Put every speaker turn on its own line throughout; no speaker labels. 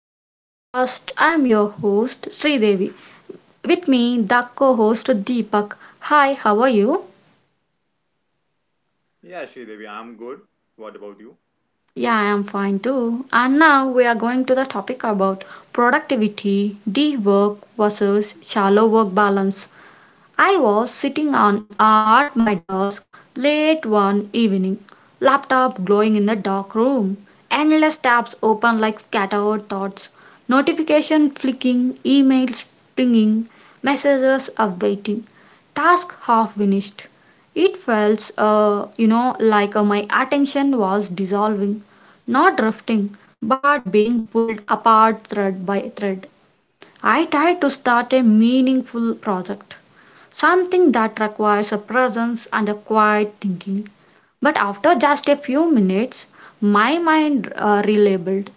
the podcast. I'm your host Sridevi. With me, the co-host Deepak. Hi, how are you?
Yeah, Sridevi, I'm good. What about you?
Yeah, I am fine too. And now we are going to the topic about productivity, deep work versus shallow work balance. I was sitting on at my desk late one evening, laptop glowing in the dark room, endless tabs open like scattered thoughts, notification flicking, emails pinging, messages awaiting, task half finished. It felt, like my attention was dissolving, not drifting, but being pulled apart thread by thread. I tried to start a meaningful project, something that requires a presence and a quiet thinking. But after just a few minutes, my mind relabeled.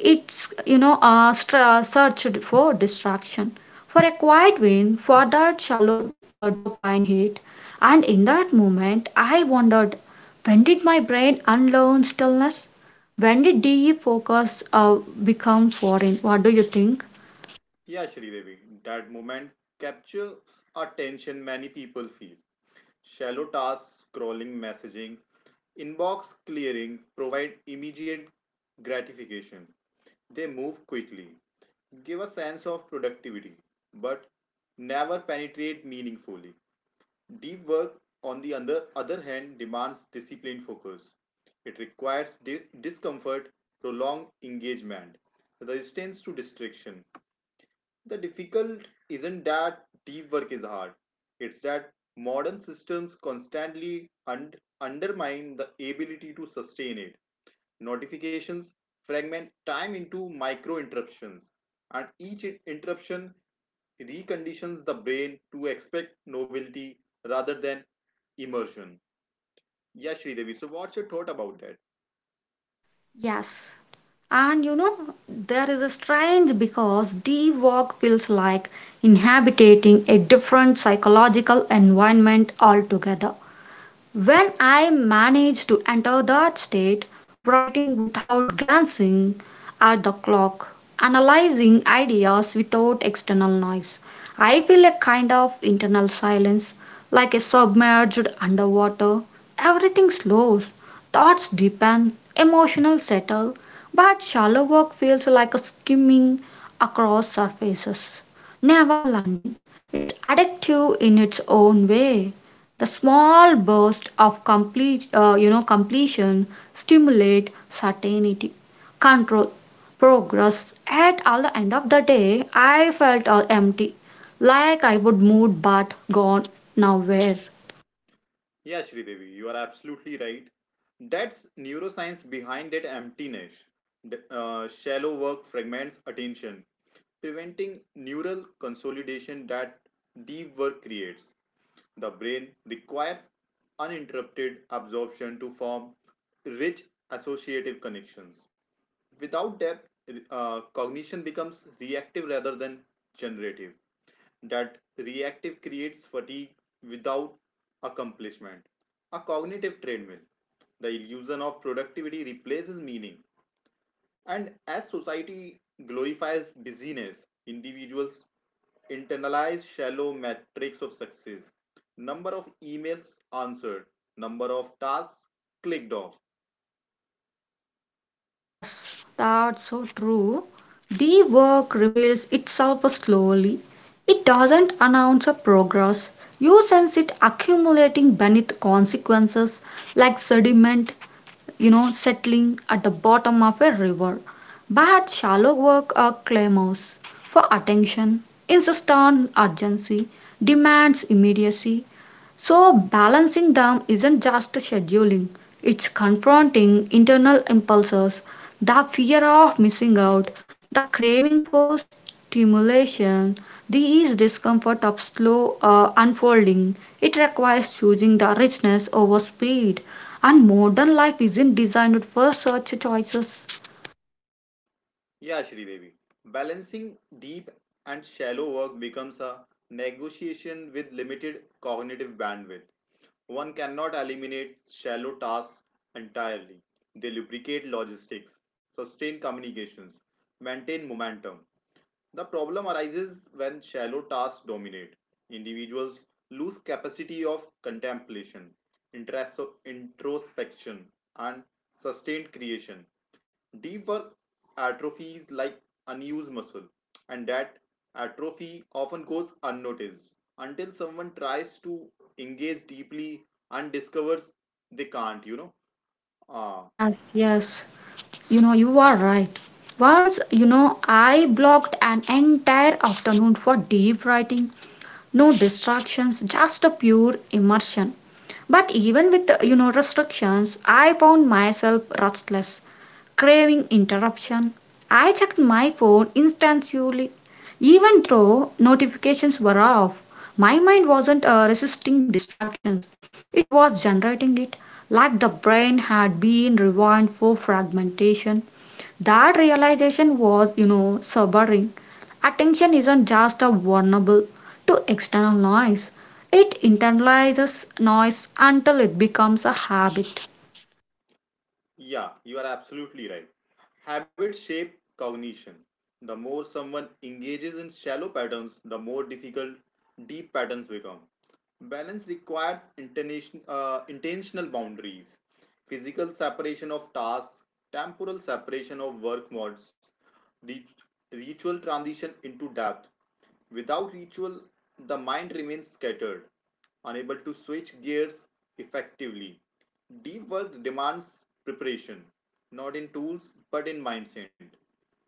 It's you know str- searched for distraction, for a quiet win, for that shallow dopamine hit. And in that moment, I wondered, when did my brain unlearn stillness? When did DE focus become foreign? What do you think?
Yeah, Sridevi, that moment captures a tension many people feel. Shallow tasks, scrolling, messaging, inbox clearing provide immediate gratification. They move quickly, give a sense of productivity, but never penetrate meaningfully. Deep work, on the other hand, demands disciplined focus. It requires discomfort, prolonged engagement, resistance to distraction. The difficult isn't that deep work is hard, it's that modern systems constantly undermine the ability to sustain it. Notifications fragment time into micro interruptions, and each interruption reconditions the brain to expect novelty rather than immersion. Yeah, Sridevi, so what's your thought about that?
Yes. And you know there is a strange because the walk feels like inhabiting a different psychological environment altogether when I manage to enter that state, writing without glancing at the clock, analyzing ideas without external noise, I feel a kind of internal silence, like a submerged underwater. Everything slows, thoughts deepen, emotional settle, but shallow work feels like a skimming across surfaces, never landing. It's addictive in its own way, the small burst of complete completion, stimulate certainty, control, progress. At all the end of the day, I felt all empty, like I would moved but gone nowhere.
Yeah, Sridevi, you are absolutely right. That's neuroscience behind that emptiness. Shallow work fragments attention, preventing neural consolidation that deep work creates. The brain requires uninterrupted absorption to form rich associative connections. Without depth, cognition becomes reactive rather than generative. That reactive creates fatigue without accomplishment. A cognitive treadmill. The illusion of productivity replaces meaning. And as society glorifies busyness, individuals internalize shallow metrics of success, number of emails answered, number of tasks clicked off.
Yes, that's so true. The work reveals itself slowly. It doesn't announce a progress. You sense it accumulating beneath consequences, like sediment, you know, settling at the bottom of a river. But shallow work clamors for attention, insists on urgency, demands immediacy. So, balancing them isn't just scheduling, it's confronting internal impulses, the fear of missing out, the craving for stimulation, the discomfort of slow unfolding. It requires choosing the richness over speed. And modern life isn't designed for such choices.
Yeah, Devi. Balancing deep and shallow work becomes a negotiation with limited cognitive bandwidth. One cannot eliminate shallow tasks entirely. They lubricate logistics, sustain communications, maintain momentum. The problem arises when shallow tasks dominate. Individuals lose capacity of contemplation, introspection, and sustained creation. Deep work atrophies like unused muscle, and that atrophy often goes unnoticed until someone tries to engage deeply and discovers they can't, you know. Uh,
Yes, yes. You know, you are right. Once, you know, I blocked an entire afternoon for deep writing. No distractions, just a pure immersion. But even with restrictions, I found myself restless, craving interruption. I checked my phone instantly, even though notifications were off. My mind wasn't resisting distractions, it was generating it, like the brain had been rewind for fragmentation. That realization was, you know, sobering. Attention isn't just a vulnerable to external noise. It internalizes noise until it becomes a habit.
yeah, you are absolutely right. Habits shape cognition. The more someone engages in shallow patterns, the more difficult deep patterns become. Balance requires intentional boundaries, physical separation of tasks, temporal separation of work modes, rit- ritual transition into depth. Without ritual, the mind remains scattered, unable to switch gears effectively. Deep work demands preparation, not in tools but in mindset.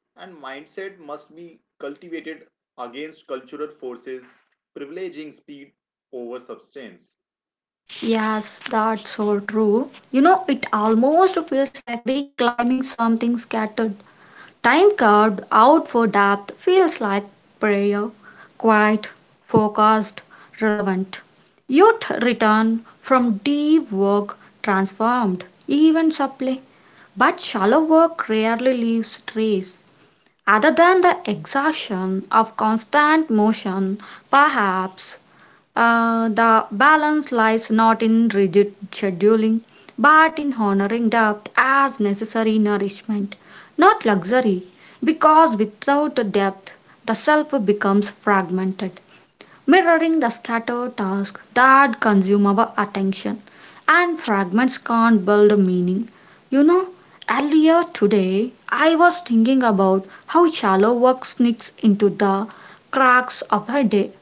And mindset must be cultivated against cultural forces privileging speed over substance.
Yes, that's so true. You know, it almost feels like reclaiming something scattered. Time carved out for depth feels like prayer, quiet, focused, relevant. Youth return from deep work transformed, even subtly. But shallow work rarely leaves trace. Other than the exhaustion of constant motion, perhaps the balance lies not in rigid scheduling, but in honoring depth as necessary nourishment, not luxury, because without depth, the self becomes fragmented, mirroring the scattered tasks that consume our attention, and fragments can't build meaning. You know, earlier today I was thinking about how shallow work sneaks into the cracks of a day.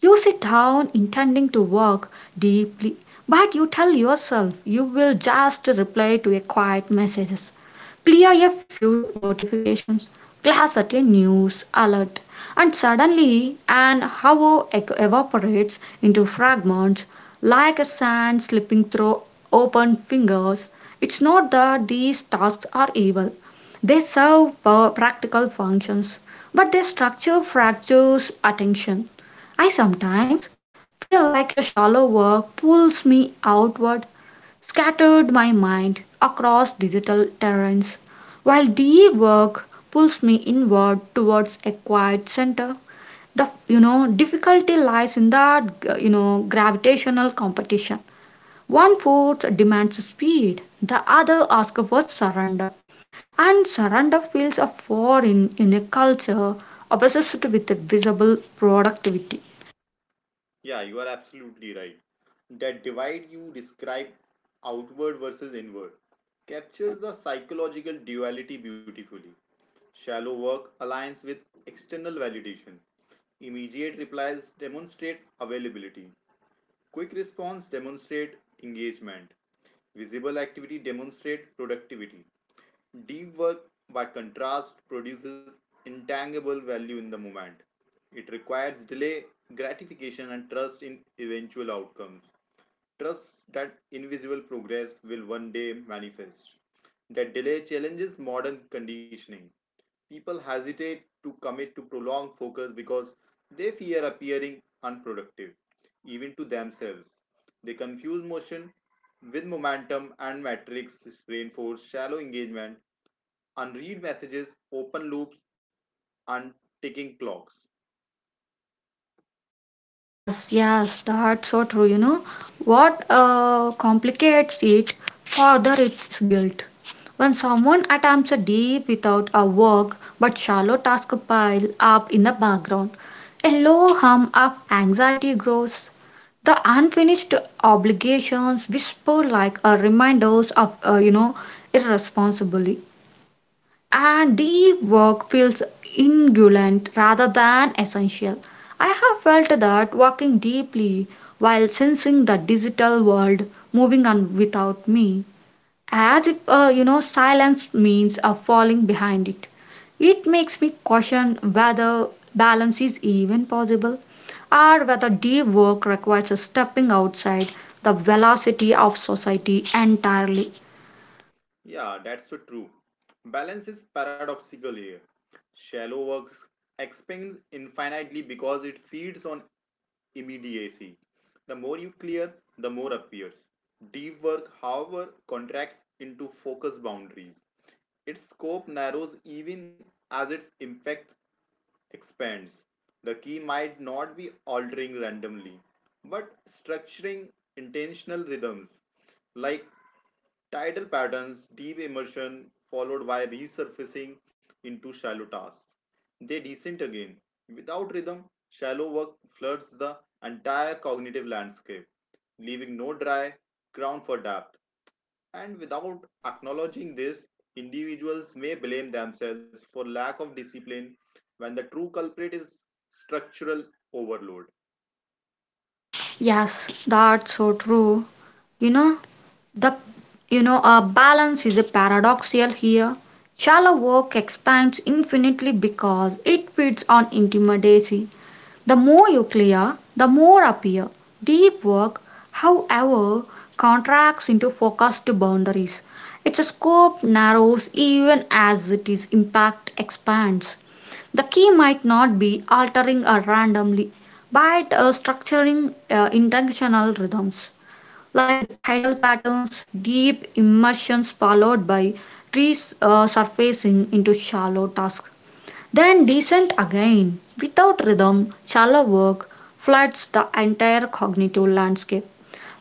You sit down intending to work deeply, but you tell yourself you will just reply to a quiet message, clear a few notifications, glass at a news alert, and suddenly an hour evaporates into fragments, like a sand slipping through open fingers. It's not that these tasks are evil, they serve practical functions, but their structure fractures attention. I sometimes feel like your shallow work pulls me outward, scattered my mind across digital terrains, while DE work pulls me inward towards a quiet center. The difficulty lies in that gravitational competition. One force demands speed, the other asks for surrender, and surrender feels a foreign in a culture obsessed with visible productivity.
Yeah, you are absolutely right. That divide you describe, outward versus inward, captures the psychological duality beautifully. Shallow work aligns with external validation. Immediate replies demonstrate availability. Quick response demonstrate engagement. Visible activity demonstrate productivity. Deep work, by contrast, produces intangible value in the moment. It requires delay, gratification, and trust in eventual outcomes. Trust that invisible progress will one day manifest. That delay challenges modern conditioning. People hesitate to commit to prolonged focus because they fear appearing unproductive, even to themselves. They confuse motion with momentum, and metrics reinforce shallow engagement, unread messages, open loops, and ticking clocks.
Yes, yes, that's so true. You know what complicates it further? It's guilt. When someone attempts a deep without a work but shallow task pile up in the background, a low hum of anxiety grows. The unfinished obligations whisper like a reminders of irresponsibly, and deep work feels indulgent rather than essential. I have felt that walking deeply while sensing the digital world moving on without me, as if silence means a falling behind it. It makes me question whether balance is even possible or whether deep work requires a stepping outside the velocity of society entirely.
Yeah, that's so true. Balance is paradoxical here. Shallow work expands infinitely because it feeds on immediacy. The more you clear, the more appears. Deep work, however, contracts into focus boundaries. Its scope narrows even as its impact expands. The key might not be altering randomly, but structuring intentional rhythms like tidal patterns, deep immersion, followed by resurfacing into shallow tasks. They descend again. Without rhythm, shallow work floods the entire cognitive landscape, leaving no dry ground for depth. And without acknowledging this, individuals may blame themselves for lack of discipline when the true culprit is structural overload.
Yes, that's so true. You know, the a balance is a paradoxical here. Shallow work expands infinitely because it feeds on intimacy, the more you clear, the more appear. Deep work, however, contracts into focused boundaries. Its scope narrows even as its impact expands. The key might not be altering or randomly, but structuring intentional rhythms like tidal patterns, deep immersions followed by resurfacing into shallow tasks then descent again. Without rhythm, shallow work floods the entire cognitive landscape,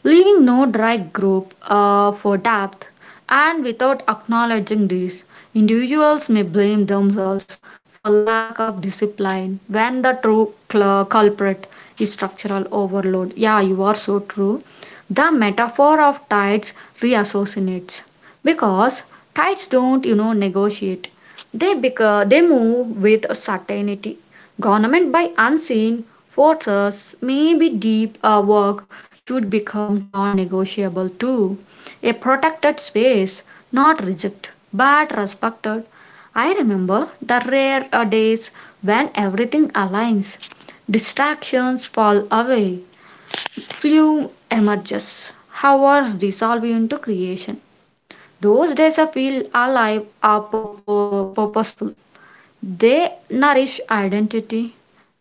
leaving no dry group for depth. And without acknowledging this, individuals may blame themselves for lack of discipline when the true culprit is structural overload. Yeah, you are so true. The metaphor of tides reassociates because tides don't, you know, negotiate, they become, they move with certainty. Government by unseen forces, may be deep work should become non-negotiable too. A protected space, not rejected but respected. I remember the rare days when everything aligns. Distractions fall away. Flume emerges. Hours dissolve into creation. Those days I feel alive are purposeful. They nourish identity,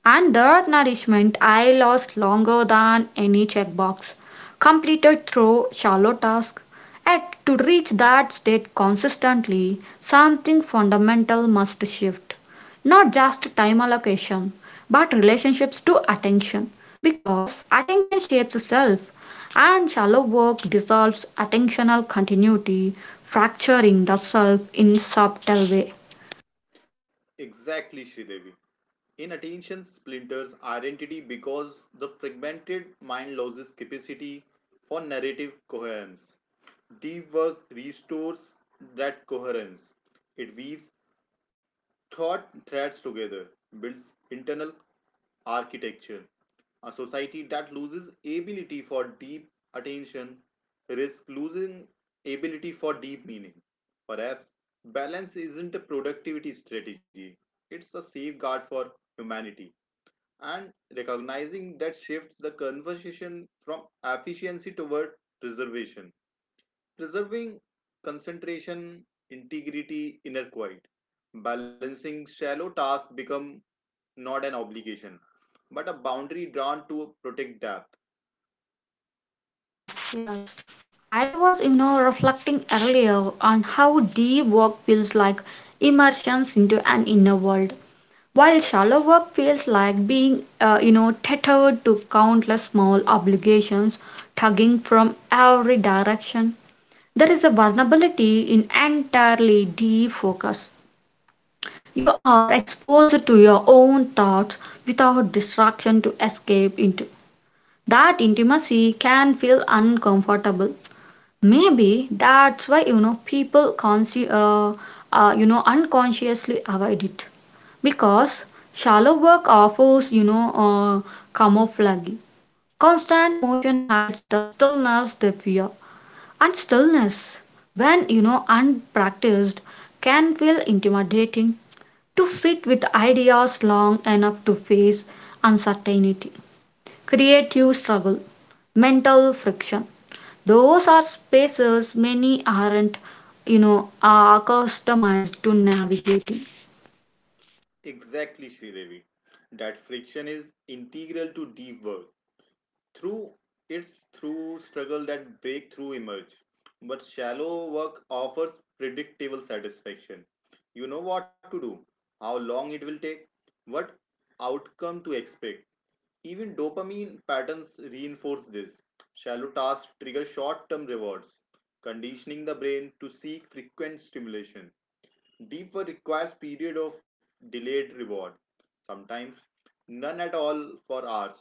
and that nourishment I lost longer than any checkbox completed through shallow tasks. Yet, to reach that state consistently, something fundamental must shift. Not just time allocation, but relationships to attention. Because attention shapes self, and shallow work dissolves attentional continuity, fracturing the self in subtle way.
Exactly, Sridevi. Inattention splinters identity because the fragmented mind loses capacity for narrative coherence. Deep work restores that coherence. It weaves thought threads together, builds internal architecture. A society that loses ability for deep attention risks losing ability for deep meaning. Perhaps balance isn't a productivity strategy, it's a safeguard for humanity. And recognizing that shifts the conversation from efficiency toward preservation, preserving concentration, integrity, inner quiet. Balancing shallow tasks become not an obligation, but a boundary drawn to protect depth.
Yes, yes. I was, you know, reflecting earlier on how deep work feels like immersions into an inner world, while shallow work feels like being, tethered to countless small obligations tugging from every direction. There is a vulnerability in entirely defocus. You are exposed to your own thoughts without distraction to escape into. That intimacy can feel uncomfortable. Maybe that's why, you know, people unconsciously avoid it, because shallow work offers, camouflage. Constant motion hides the stillness they fear, and stillness, when, you know, unpracticed, can feel intimidating. To sit with ideas long enough to face uncertainty, creative struggle, mental friction, those are spaces many aren't, you know, are accustomed to navigating.
Exactly, Sridevi. That friction is integral to deep work. Through it's through struggle that breakthrough emerge. But shallow work offers predictable satisfaction. You know what to do, how long it will take, what outcome to expect. Even dopamine patterns reinforce this. Shallow tasks trigger short term rewards, conditioning the brain to seek frequent stimulation. Deeper requires period of delayed reward, sometimes none at all for hours.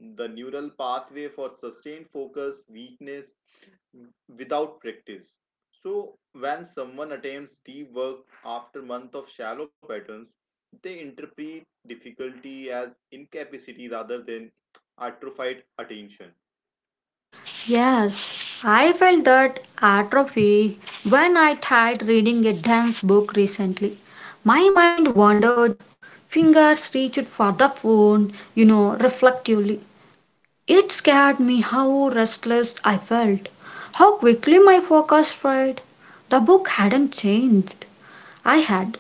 The neural pathway for sustained focus, weakness without practice. So when someone attempts deep work after month of shallow patterns, they interpret difficulty as incapacity rather than atrophied attention.
Yes, I felt that atrophy when I tried reading a dense book recently. My mind wandered, fingers reached for the phone, you know, reflectively. It scared me how restless I felt, how quickly my focus fried. The book hadn't changed. I had.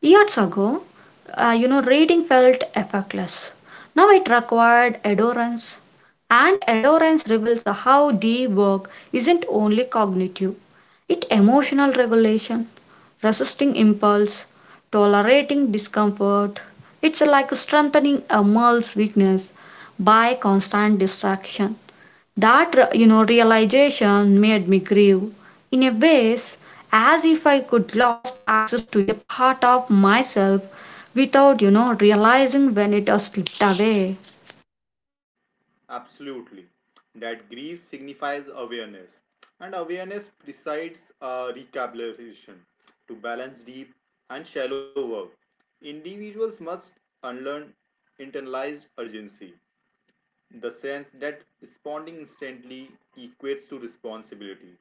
Years ago, reading felt effortless. Now it required adherence, and adherence reveals how deep work isn't only cognitive, it emotional regulation, resisting impulse, tolerating discomfort. It's like strengthening a male's weakness by constant distraction. That realization made me grieve in a ways, as if I could lost access to a part of myself without, you know, realizing when it has slipped away.
Absolutely. That grief signifies awareness, and awareness presides recalibration to balance deep and shallow work. Individuals must unlearn internalized urgency, the sense that responding instantly equates to responsibility,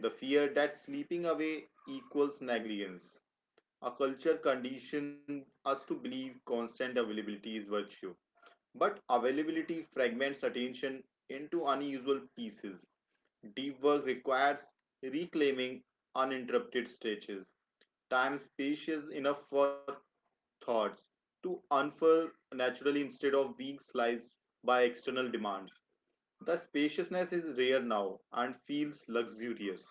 the fear that sleeping away equals negligence. A culture conditioned us to believe constant availability is virtue. But availability fragments attention into unusual pieces. Deep work requires reclaiming uninterrupted stretches, time spacious enough for thoughts to unfurl naturally instead of being sliced by external demands. The spaciousness is rare now and feels luxurious.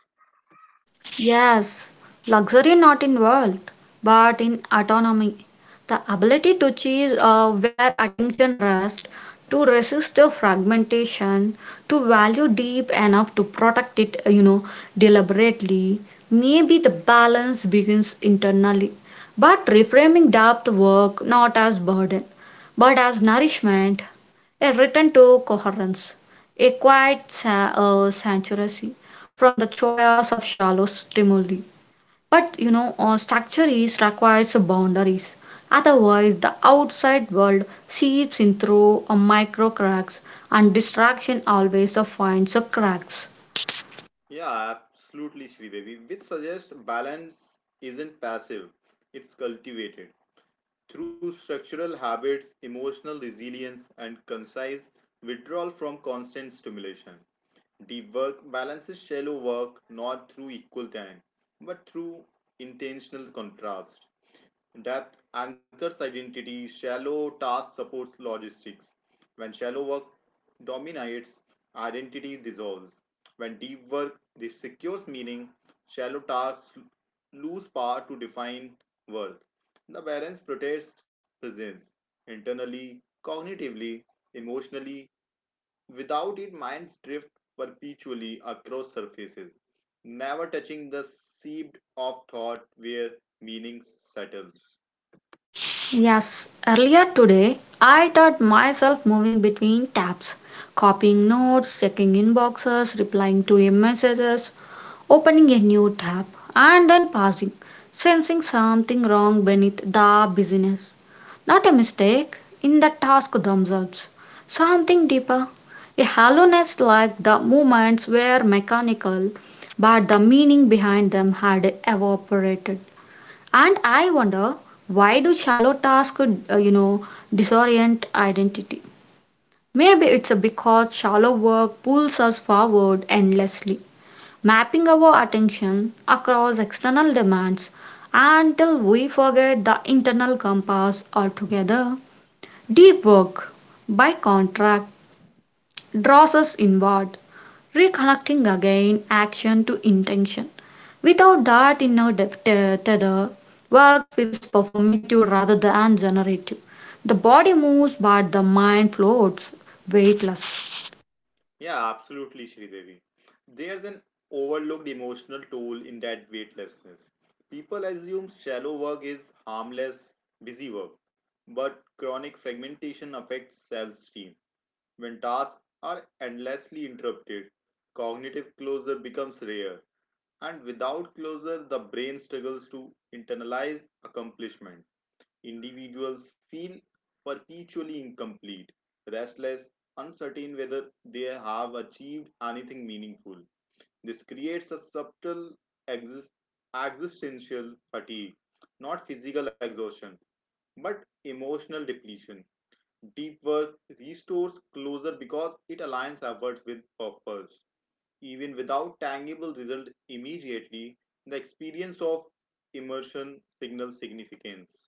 Yes, luxury not in wealth, but in autonomy. The ability to choose where attention rests, to resist the fragmentation, to value deep enough to protect it, deliberately. Maybe the balance begins internally. But reframing depth work not as burden, but as nourishment, a return to coherence, a quiet sanctuary from the choice of shallow stimuli. But you know, structure is requires boundaries. Otherwise, the outside world seeps in through a micro cracks, and distraction always finds cracks.
Yeah, absolutely, Sridevi, which suggests balance isn't passive, it's cultivated through structural habits, emotional resilience, and concise withdrawal from constant stimulation. Deep work balances shallow work not through equal time, but through intentional contrast. Depth anchors identity, shallow task supports logistics. When shallow work dominates, identity dissolves. When deep work secures meaning, shallow tasks lose power to define worth. The balance protects presence internally, cognitively, emotionally. Without it, minds drift perpetually across surfaces, never touching the seed of thought where meaning settles.
Yes, earlier today I taught myself moving between tabs, copying notes, checking inboxes, replying to your messages, opening a new tab, and then pausing, sensing something wrong beneath the busyness. Not a mistake in the task themselves, something deeper, a hollowness, like the movements were mechanical, but the meaning behind them had evaporated. And I wonder, why do shallow tasks, uh, you know, disorient identity? Maybe it's a because shallow work pulls us forward endlessly, mapping our attention across external demands until we forget the internal compass altogether. Deep work, by contrast, draws us inward, reconnecting again action to intention. Without that inner tether, work feels performative rather than generative. The body moves, but the mind floats, weightless.
Yeah, absolutely, Sridevi. There's an overlooked emotional toll in that weightlessness. People assume shallow work is harmless, busy work, but chronic fragmentation affects self esteem. When tasks are endlessly interrupted, cognitive closure becomes rare, and without closure, the brain struggles to internalize accomplishment. Individuals feel perpetually incomplete, restless, uncertain whether they have achieved anything meaningful. This creates a subtle exist- existential fatigue, not physical exhaustion, but emotional depletion. Deep work restores closure because it aligns efforts with purpose. Even without tangible result immediately, the experience of immersion signals significance.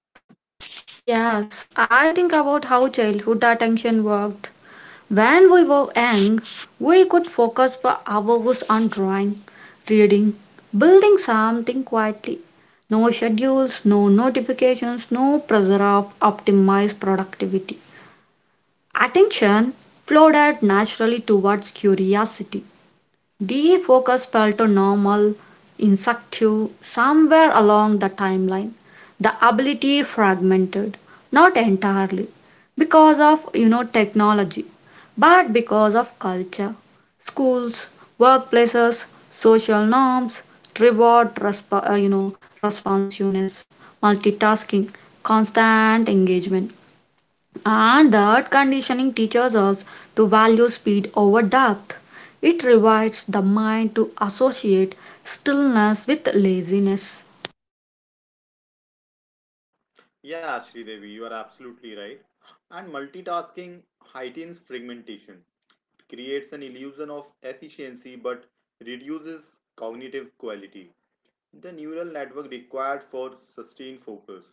Yes, I think about how childhood attention worked. When we were young, we could focus for hours on drawing, reading, building something quietly. No schedules, no notifications, no pressure of optimized productivity. Attention flowed out naturally towards curiosity. DE focus fell to paltonormal insectives somewhere along the timeline, the ability fragmented, not entirely because of, you know, technology, but because of culture, schools, workplaces, social norms, reward responsiveness, multitasking, constant engagement. And that conditioning teaches us to value speed over depth. It rewires the mind to associate stillness with laziness.
Yeah, Sridevi, you are absolutely right. And multitasking heightens fragmentation. It creates an illusion of efficiency but reduces cognitive quality. The neural network required for sustained focus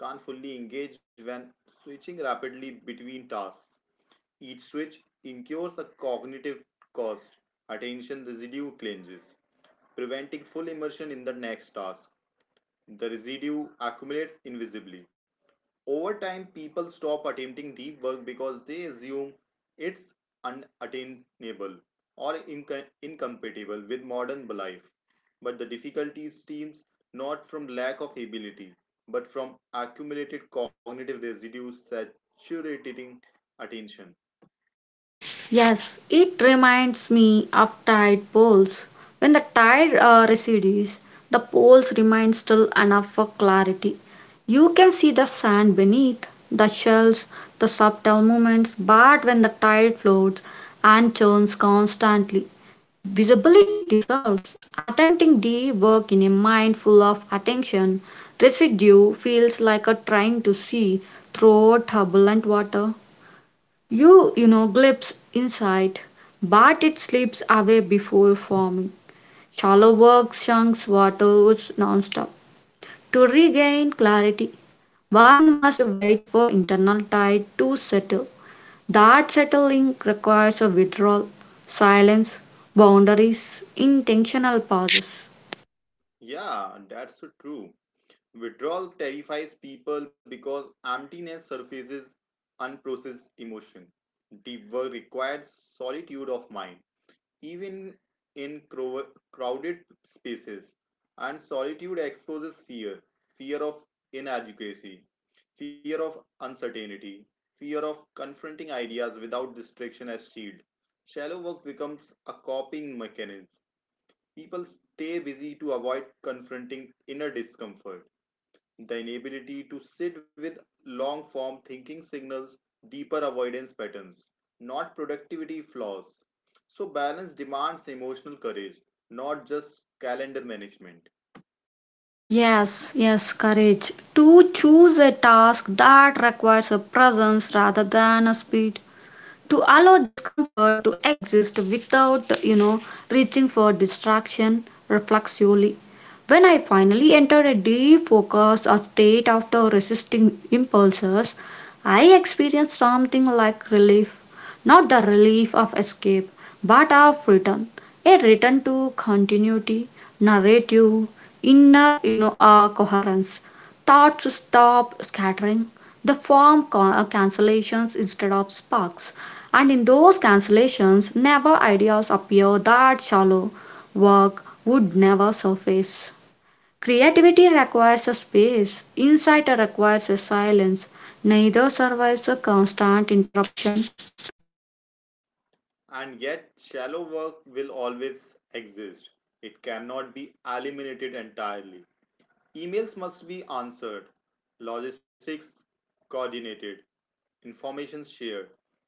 can't fully engage when switching rapidly between tasks. Each switch incurs a cognitive cost, attention residue cleanses, preventing full immersion in the next task. The residue accumulates invisibly. Over time, people stop attempting deep work because they assume it's unattainable or incompatible with modern life. But the difficulty stems not from lack of ability, but from accumulated cognitive residues saturating attention.
Yes, it reminds me of tide poles. When the tide recedes, the poles remain still enough for clarity. You can see the sand beneath, the shells, the subtle movements, but when the tide floats and churns constantly, visibility dissolves. Attempting the work in a mind full of attention residue feels like a trying to see through turbulent water. You glimpse insight, but it slips away before forming. Shallow work shunks waters nonstop. To regain clarity, one must wait for internal tide to settle. That settling requires a withdrawal, silence, boundaries, intentional pauses.
Yeah, that's so true. Withdrawal terrifies people because emptiness surfaces unprocessed emotion. Deep work requires solitude of mind, even in crowded spaces. And solitude exposes fear, fear of inadequacy, fear of uncertainty, fear of confronting ideas without distraction as shield. Shallow work becomes a coping mechanism. People stay busy to avoid confronting inner discomfort. The inability to sit with long form thinking signals deeper avoidance patterns, not productivity flaws. So, balance demands emotional courage, not just calendar management.
Yes, yes, courage. To choose a task that requires a presence rather than a speed, to allow discomfort to exist without, reaching for distraction reflexively. When I finally entered a deep focus or state after resisting impulses, I experienced something like relief. Not the relief of escape, but of return. A return to continuity, narrative, inner, coherence. Thoughts stop scattering. The form cancellations instead of sparks. And in those cancellations, never ideas appear that shallow work would never surface. Creativity requires a space, insight requires a silence. Neither survives a constant interruption.
And yet, shallow work will always exist. It cannot be eliminated entirely. Emails must be answered, logistics coordinated, information shared.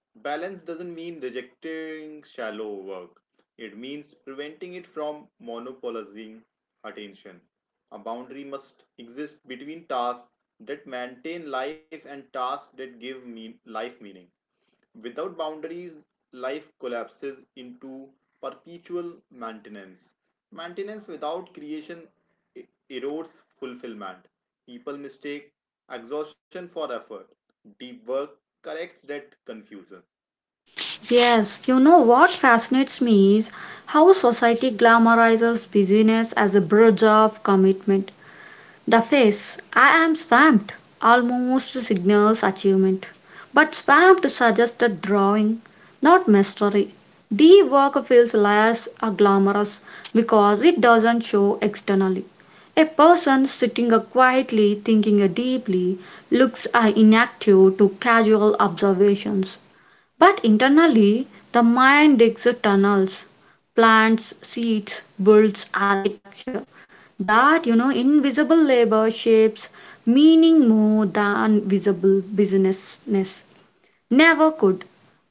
Balance doesn't mean rejecting shallow work, it means preventing it from monopolizing attention. A boundary must exist between tasks that maintain life and tasks that give life meaning. Without boundaries, life collapses into perpetual maintenance. Maintenance without creation erodes fulfillment. People mistake exhaustion for effort. Deep work corrects that confusion.
Yes, you know what fascinates me is how society glamorizes busyness as a bridge of commitment. The face "I am swamped" almost signals achievement, but swamped suggests that drawing, not mastery. The work feels less glamorous because it doesn't show externally. A person sitting quietly thinking deeply looks inactive to casual observations, but internally the mind digs tunnels, plants seeds, builds architecture that invisible labor shapes meaning more than visible businessness never could.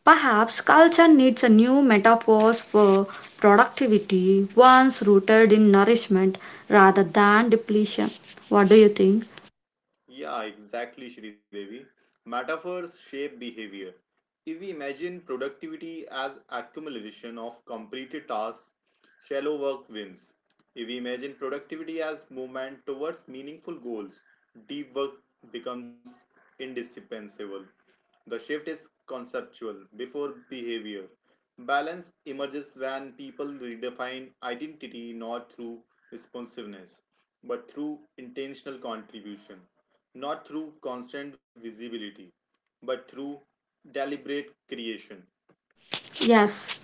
Perhaps culture needs a new metaphors for productivity ones rooted in nourishment rather than depletion. What do you think?
Yeah, exactly, Shri Devi. Metaphors shape behavior. If we imagine productivity as accumulation of completed tasks, shallow work wins. If we imagine productivity as movement towards meaningful goals, deep work becomes indispensable. The shift is conceptual before behavior. Balance emerges when people redefine identity not through responsiveness, but through intentional contribution, not through constant visibility but through deliberate creation.
Yes,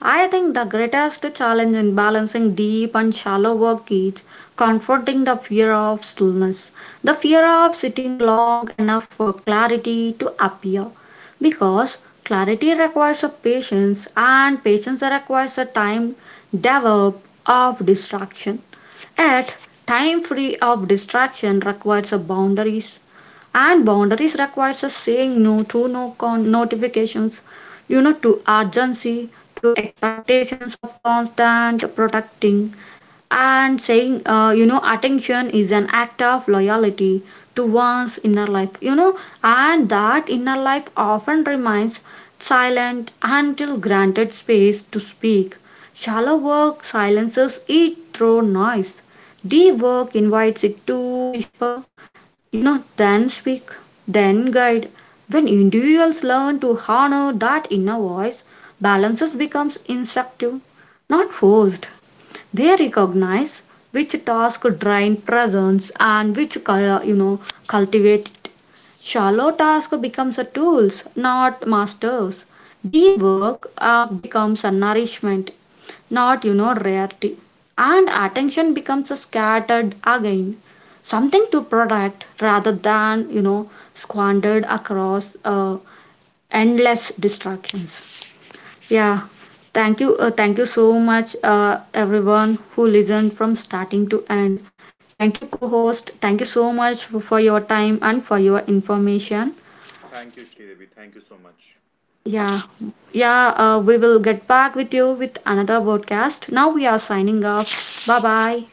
I think the greatest challenge in balancing deep and shallow work is confronting the fear of stillness, the fear of sitting long enough for clarity to appear. Because clarity requires a patience, and patience requires a time develop of distraction. Yet, time free of distraction requires a boundaries, and boundaries requires a saying no to no con- notifications, to urgency, to expectations of constant protecting, and saying, attention is an act of loyalty to one's inner life, and that inner life often remains silent until granted space to speak. Shallow work silences it through noise. Deep work invites it to whisper, then speak, then guide. When individuals learn to honor that inner voice, balances becomes instinctive, not forced. They recognize which task drain presence and which cultivate it. Shallow task becomes a tools, not masters. Deep work becomes a nourishment, not rarity. And attention becomes a scattered again, something to protect rather than squandered across endless distractions. Yeah, thank you. Thank you so much, everyone who listened from starting to end. Thank you, co host. Thank you so much for your time and for your information.
Thank you, Sridevi. Thank you so much.
Yeah, yeah, we will get back with you with another broadcast. Now we are signing off. Bye bye.